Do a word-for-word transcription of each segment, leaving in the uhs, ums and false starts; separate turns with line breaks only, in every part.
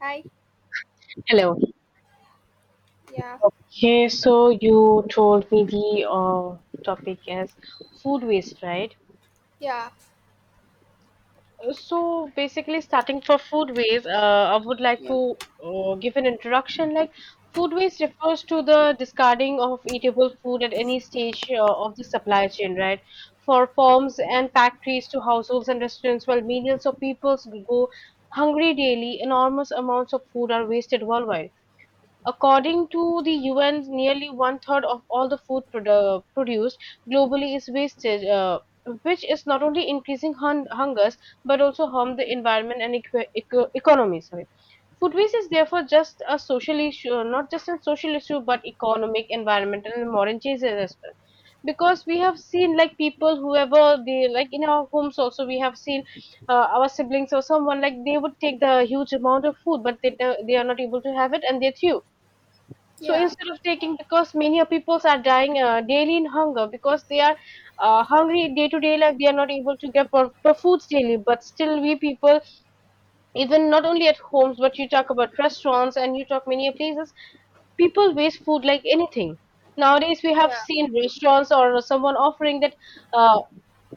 Hi.
Hello.
Yeah.
Hey, so you told me the uh, topic is food waste, right?
Yeah.
Uh, So basically, starting for food waste, uh, I would like
Yeah.
to uh, give an introduction. Like, food waste refers to the discarding of eatable food at any stage uh, of the supply chain, right? For farms and factories to households and restaurants, while millions of people go hungry daily, enormous amounts of food are wasted worldwide. According to the U N, nearly one-third of all the food produ- produced globally is wasted, uh, which is not only increasing hun- hungers but also harm the environment and equi- eco- economy. Sorry. Food waste is therefore just a social issue, uh, not just a social issue, but economic, environmental, and moral changes as well. Because we have seen like people, whoever they like in our homes also, we have seen uh, our siblings or someone like they would take the huge amount of food, but they do- they are not able to have it and they threw. So
Yeah.
instead of taking, because many people are dying uh, daily in hunger because they are uh, hungry day to day life, they are not able to get pro- pro- foods daily. But still, we people, even not only at homes, but you talk about restaurants and you talk many places, people waste food like anything. Nowadays, we have
Yeah.
seen restaurants or someone offering that uh,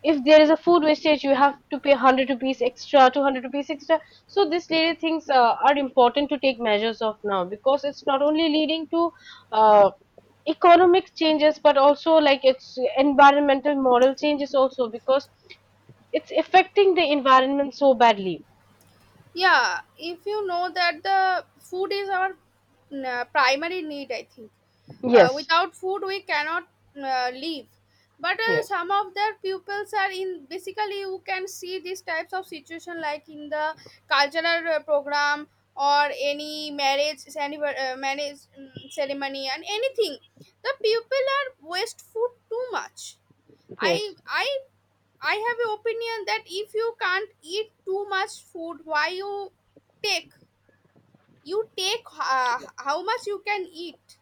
if there is a food wastage, you have to pay one hundred rupees extra, two hundred rupees extra. So, these little things uh, are important to take measures of now because it's not only leading to. Uh, Economic changes but also like it's environmental moral changes also because it's affecting the environment so badly.
Yeah. If you know that the food is our uh, primary need, I think. Uh,
Yes,
without food, we cannot uh, live. But uh,
yes,
some of their pupils are in basically you can see these types of situation like in the cultural uh, program or any marriage anniver- uh, marriage mm, ceremony and anything the people are waste food too much. I
yes.
i I have an opinion that if you can't eat too much food, why you take? You take uh, how much you can eat.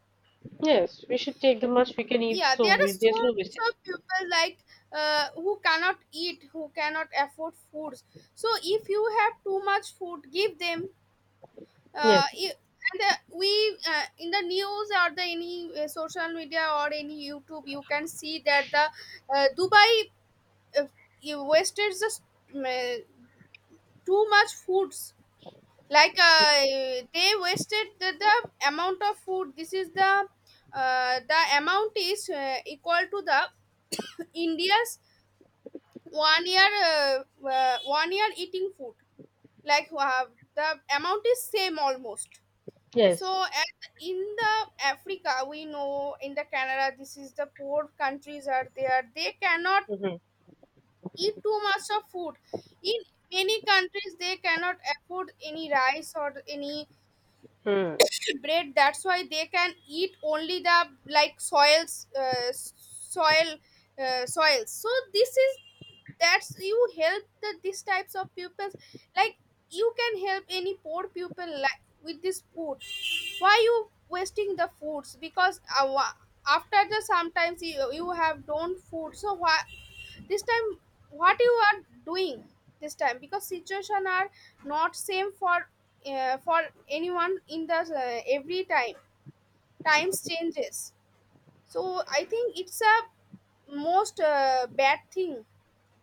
Yes, we should take the much we can eat
Yeah,
so
there are
we,
so
there's no wastage.
much of people like uh, who cannot eat, who cannot afford foods. So if you have too much food, give them. Uh,
Yes,
i- and uh, we uh, in the news or the any uh, social media or any YouTube, you can see that the uh, Dubai uh, wasted just uh, too much foods, like uh, they wasted the, the amount of food. This is the uh, the amount is uh, equal to the India's one year uh, uh, one year eating food, like uh, the amount is same almost.
yes.
So at, in the Africa, we know in the Canada, this is the poor countries are there, they cannot eat too much of food. In many countries they cannot afford any rice or any
Hmm.
bread, that's why they can eat only the like soils uh, soil uh, soils. So this is that's you help the these types of pupils, like you can help any poor pupil like with this food. Why you wasting the foods? Because uh, wa- after the sometimes you, you have don't food, so why this time what you are doing this time? Because situation are not same for uh, for anyone in the uh, every time, times changes. So I think it's a most uh, bad thing,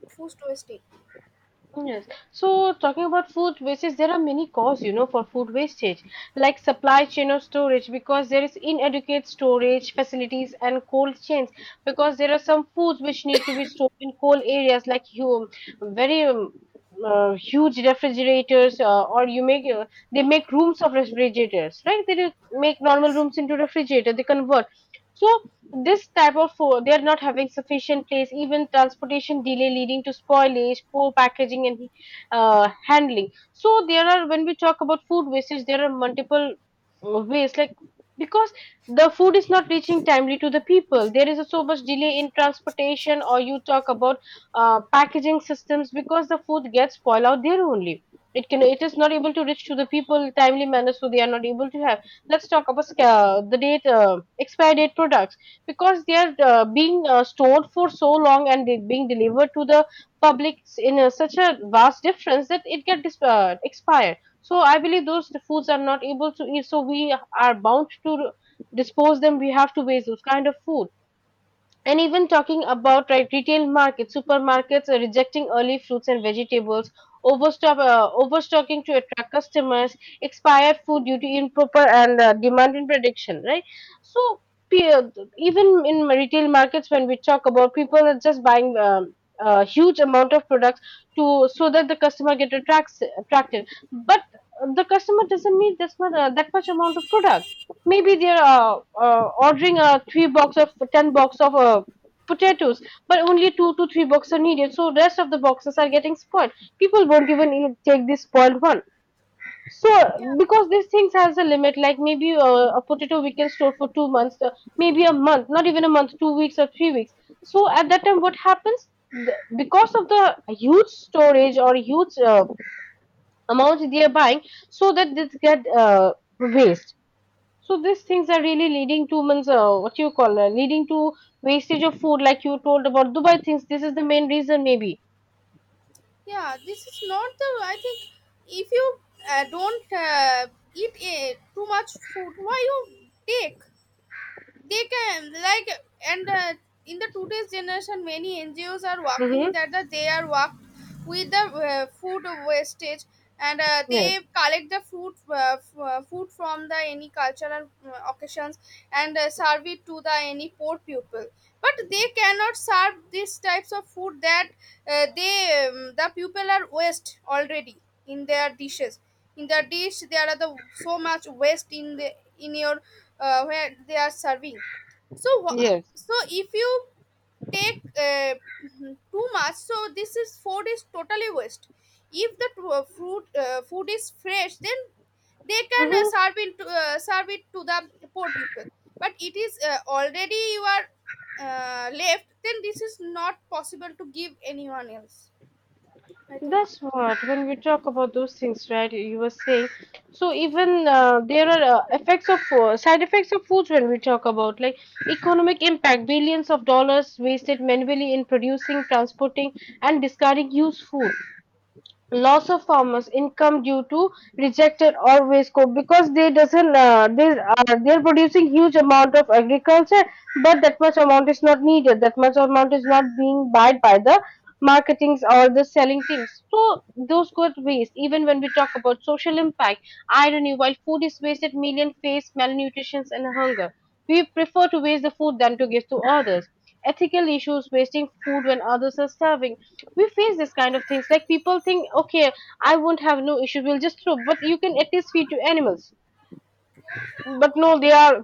food wasting.
Yes. So talking about food wastage, there are many causes, you know, for food wastage, like supply chain or storage, because there is inadequate storage facilities and cold chains, because there are some foods which need to be stored in cold areas, like you, very um, uh, huge refrigerators, uh, or you make uh, they make rooms of refrigerators, right? They do make normal rooms into refrigerator, they convert. So this type of food, they are not having sufficient place, even transportation delay leading to spoilage, poor packaging and uh, handling. So there are, when we talk about food wastage, there are multiple uh, ways, like because the food is not reaching timely to the people, there is a so much delay in transportation or you talk about uh, packaging systems, because the food gets spoiled out there only, it can it is not able to reach to the people timely manner, so they are not able to have. Let's talk about sca- the date uh, expiry date products, because they are uh, being uh, stored for so long and they being delivered to the public in a, such a vast difference that it get dis- uh, expired. So I believe those foods are not able to eat, so we are bound to dispose them, we have to waste those kind of food. And even talking about right retail markets, supermarkets are rejecting early fruits and vegetables, overstock, uh, overstocking to attract customers, expired food due to improper and uh, demand in prediction, right? So pe- uh, even in retail markets, when we talk about people are just buying um, a huge amount of products to so that the customer get attracts attracted, but the customer doesn't need this much uh, that much amount of product, maybe they're uh, uh, ordering a three box of ten box of uh, potatoes, but only two to three boxes are needed, so rest of the boxes are getting spoiled, people won't even eat, take this spoiled one.
yeah
So because these things has a limit, like maybe uh, a potato we can store for two months uh, maybe a month, not even a month, two weeks or three weeks. So at that time what happens, The- because of the huge storage or huge uh, amount they are buying, so that this get uh, waste. So these things are really leading to means, uh, what you call uh, leading to wastage of food, like you told about Dubai things. This is the main reason, maybe.
yeah This is not the, I think, if you uh, don't uh, eat uh, too much food, why you take? They can like, and uh, in the today's generation, many N G Os are
Mm-hmm.
working that the, they are work with the uh, food wastage, and uh,
Yes.
they collect the food uh, f- uh, food from the any cultural uh, occasions, and uh, serve it to the any poor people. But they cannot serve these types of food that uh, they um, the people are waste already in their dishes. In the dish there are the so much waste in the in your uh, where they are serving. So wha-
Yes.
so if you take uh, mhm, too much, so this is food is totally waste. If the tru- uh, fruit uh, food is fresh, then they can uh,
Mm-hmm.
serve it to, uh, serve it to the poor people. But it is uh, already you are uh, left, then this is not possible to give anyone else, I think.
That's what when we talk about those things, right? You were saying. So even uh, there are uh, effects of uh, side effects of foods when we talk about like economic impact, billions of dollars wasted manually in producing, transporting, and discarding used food. Loss of farmers income due to rejected or waste crop, because they doesn't uh, they are, they're producing huge amount of agriculture, but that much amount is not needed, that much amount is not being bought by the marketings or the selling things, so those good waste. Even when we talk about social impact, irony, while food is wasted, million face malnutrition and hunger, we prefer to waste the food than to give to others. Ethical issues, wasting food when others are starving, we face this kind of things, like people think okay, I won't have no issue, we'll just throw, but you can at least feed to animals. But no, they are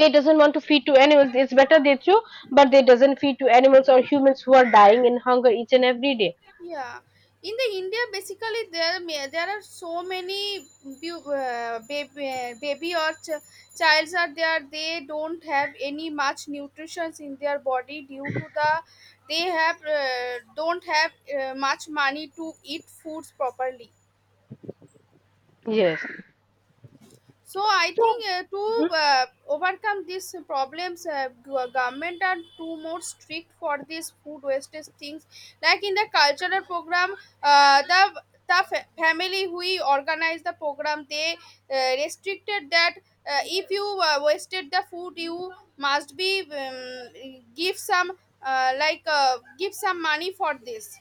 they doesn't want to feed to animals, it's better they throw. But they doesn't feed to animals or humans who are dying in hunger each and every day.
Yeah, in the India basically there may- there are so many bu- uh, baby, baby or ch- childs are there, they don't have any much nutrition in their body due to the they have uh, don't have uh, much money to eat foods properly.
Yes.
So I
So.
think uh, to uh, overcome these problems, uh, go- government are too more strict for these food wastage things, like in the cultural program, uh, the the fa- family who organized the program, they uh, restricted that uh, if you uh, wasted the food, you must be um, give some uh, like uh, give some money for this.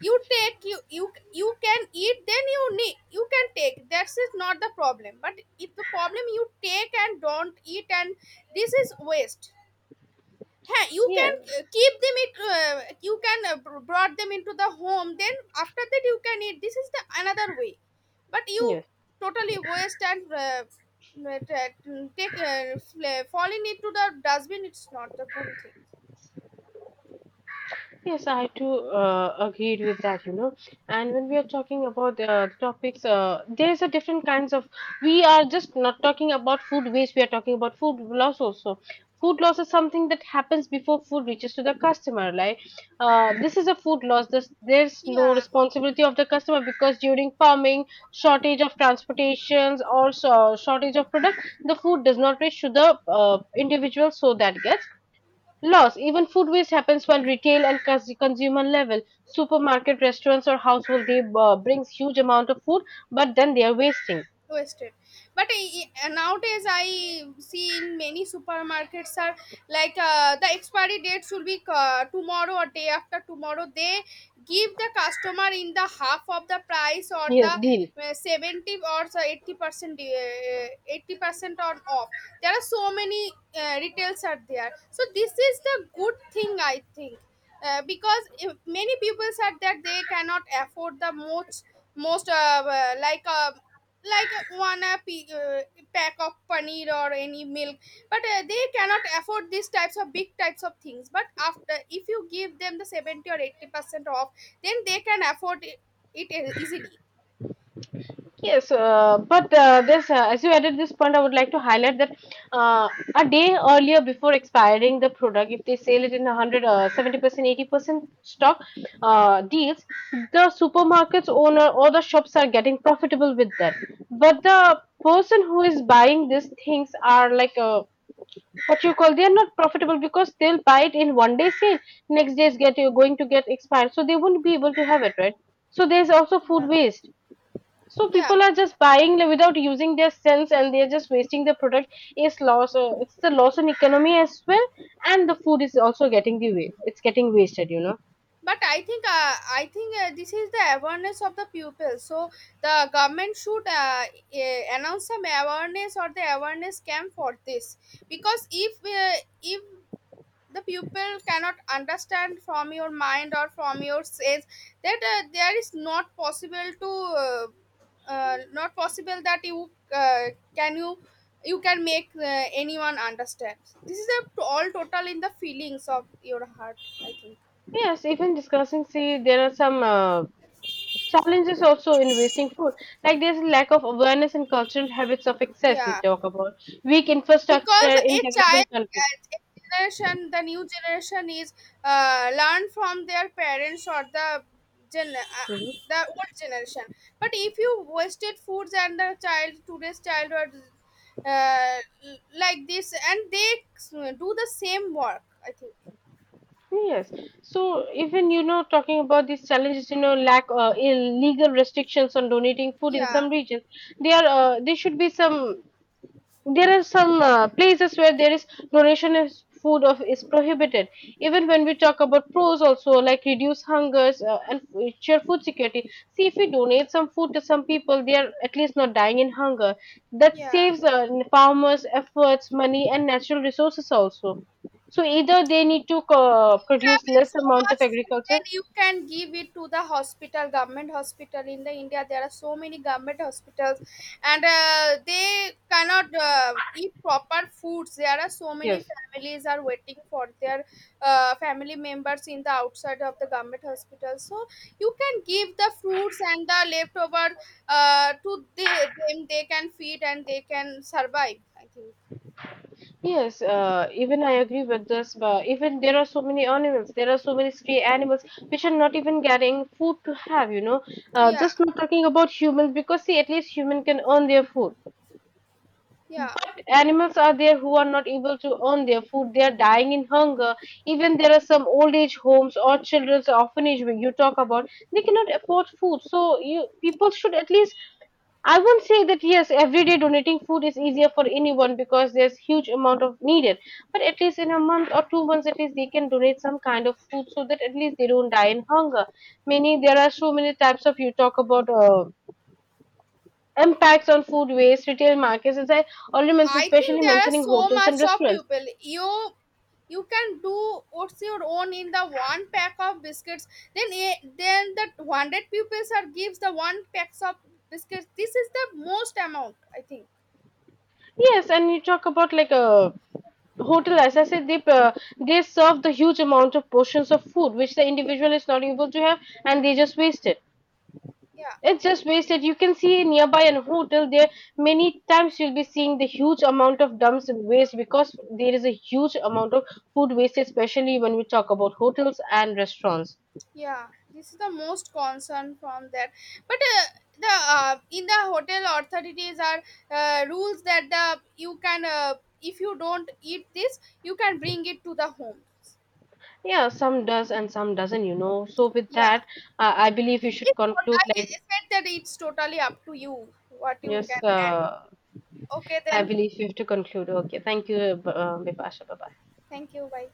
You take, you you you can eat, then you need you can take, that's is not the problem. But if the problem you take and don't eat and this is waste. Ha, you
Yeah.
can uh, keep them, it uh, you can uh, br- brought them into the home, then after that you can eat, this is the another way. But you
Yes.
totally waste and uh, uh, t- take uh, fl- fall in into the dustbin, it's not a good thing.
Yes, I too uh, agreed with that, you know. And when we are talking about uh, the topics, uh, there's a different kinds of. We are just not talking about food waste. We are talking about food loss also. Food loss is something that happens before food reaches to the customer. Like uh, this is a food loss. This, there's no
Yeah,
responsibility of the customer because during farming, shortage of transportations or so, shortage of product, the food does not reach to the uh, individual, so that gets loss. Even food waste happens when retail and cons- consumer level. Supermarket, restaurants, or household, they uh, brings huge amount of food, but then they are wasting.
wasted. But I, I- nowadays I see in many supermarkets are like uh, the expiry date should be uh, tomorrow or day after tomorrow, they give the customer in the half of the price or the
Yes, deal.
uh, seventy or so eighty percent uh, eighty percent on off. There are so many uh, retails are there, so this is the good thing, I think. Uh, because if many people said that they cannot afford the most most uh, uh, like uh, like uh, one a p- uh, pack of paneer or any milk. But uh, they cannot afford these types of big types of things. But after, if you give them the seventy or eighty percent off, then they can afford it, it e- easily.
Yes, uh, but uh, this, uh, as you added this point, I would like to highlight that uh, a day earlier before expiring the product, if they sell it in one hundred, uh, seventy percent, eighty percent stock uh, deals, the supermarket's owner or the shops are getting profitable with that. But the person who is buying these things are like uh, but you call they are not profitable because they'll buy it in one day sale. Next day is get you're going to get expired, so they won't be able to have it, right? So there's also food
yeah
waste. So
yeah
people are just buying like, without using their sense, and they're just wasting the product. It's loss. Uh, it's the loss in economy as well, and the food is also getting the way. It's getting wasted, you know.
But I think, uh, i think uh, this is the awareness of the pupil. So the government should uh, eh, announce some awareness or the awareness camp for this. Because if uh, if the pupil cannot understand from your mind or from your sense that uh, there is not possible to uh, uh, not possible that you uh, can you you can make uh, anyone understand, this is a all total in the feelings of your heart, I think.
Yes, even discussing. See, there are some uh, challenges also in wasting food. Like there's a lack of awareness and cultural habits of excess. You
Yeah,
talk about weak
because
infrastructure in
a
developing
child,
countries.
a generation, the new generation is uh, learn from their parents or the gen uh,
Mhm.
the old generation. But if you wasted foods and the child today's child childhood uh, like this, and they uh, do the same work, I think.
Yes. So even you know talking about these challenges, you know, lack uh, legal restrictions on donating food in
yeah
some regions, There, uh, there should be some. There are some uh, places where there is donation of food of is prohibited. Even when we talk about pros also, like reduce hungers uh, and f- ensure food security. See if we donate some food to some people, they are at least not dying in hunger. That
yeah
saves uh, farmers' efforts, money, and natural resources also. So either they need to uh,
You
produce
have
less
so
amount of
much food,
agriculture.
then you can give it to the hospital, government hospital. In the India there are so many government hospitals, and uh, they cannot uh, eat proper foods. There are so many
Yes.
families are waiting for their uh, family members in the outside of the government hospital, so you can give the fruits and the leftover uh, to the, them, they can feed and they can survive, I think.
Yes, uh, even I agree with this, but even there are so many animals, there are so many stray animals which are not even getting food to have, you know. Uh,
yeah
just not talking about humans because see, at least human can earn their food.
yeah
But animals are there who are not able to earn their food. They are dying in hunger. Even there are some old age homes or children's orphanage where you talk about they cannot afford food. So you people should at least. I won't say that yes, every day donating food is easier for anyone because there's huge amount of needed. But at least in a month or two months, at least they can donate some kind of food so that at least they don't die in hunger. Many, there are so many types of you talk about uh, impacts on food waste, retail markets, as I already mentioned,
I
especially
think there are
mentioning
so
hotels and
much of
restaurants.
people. You you can do what's your own in the one pack of biscuits. Then a- then the hundred pupils are gives the one packs of biscuits. This is the most amount, I think.
Yes, and you talk about like a hotel. As I said, they uh, they serve the huge amount of portions of food which the
Yeah,
individual is not able to have, and they just waste it.
yeah,
It's just wasted. You can see nearby an hotel there. Many times you'll be seeing the huge amount of dumps and waste because there is a huge amount of food waste, especially when we talk about hotels and restaurants.
yeah. This is the most concern from that. But uh, the uh, in the hotel authorities are uh, rules that the you can uh, if you don't eat this, you can bring it to the home.
Yeah, some does and some doesn't, you know. So with
Yeah.
that, uh, I believe we should
It's on-
conclude.
I
Like
I That it's totally up to you what you
yes,
can add.
uh,
Okay,
I
then.
believe we have to conclude. Okay, thank you, uh, Bipasha. Bye bye.
Thank you. Bye.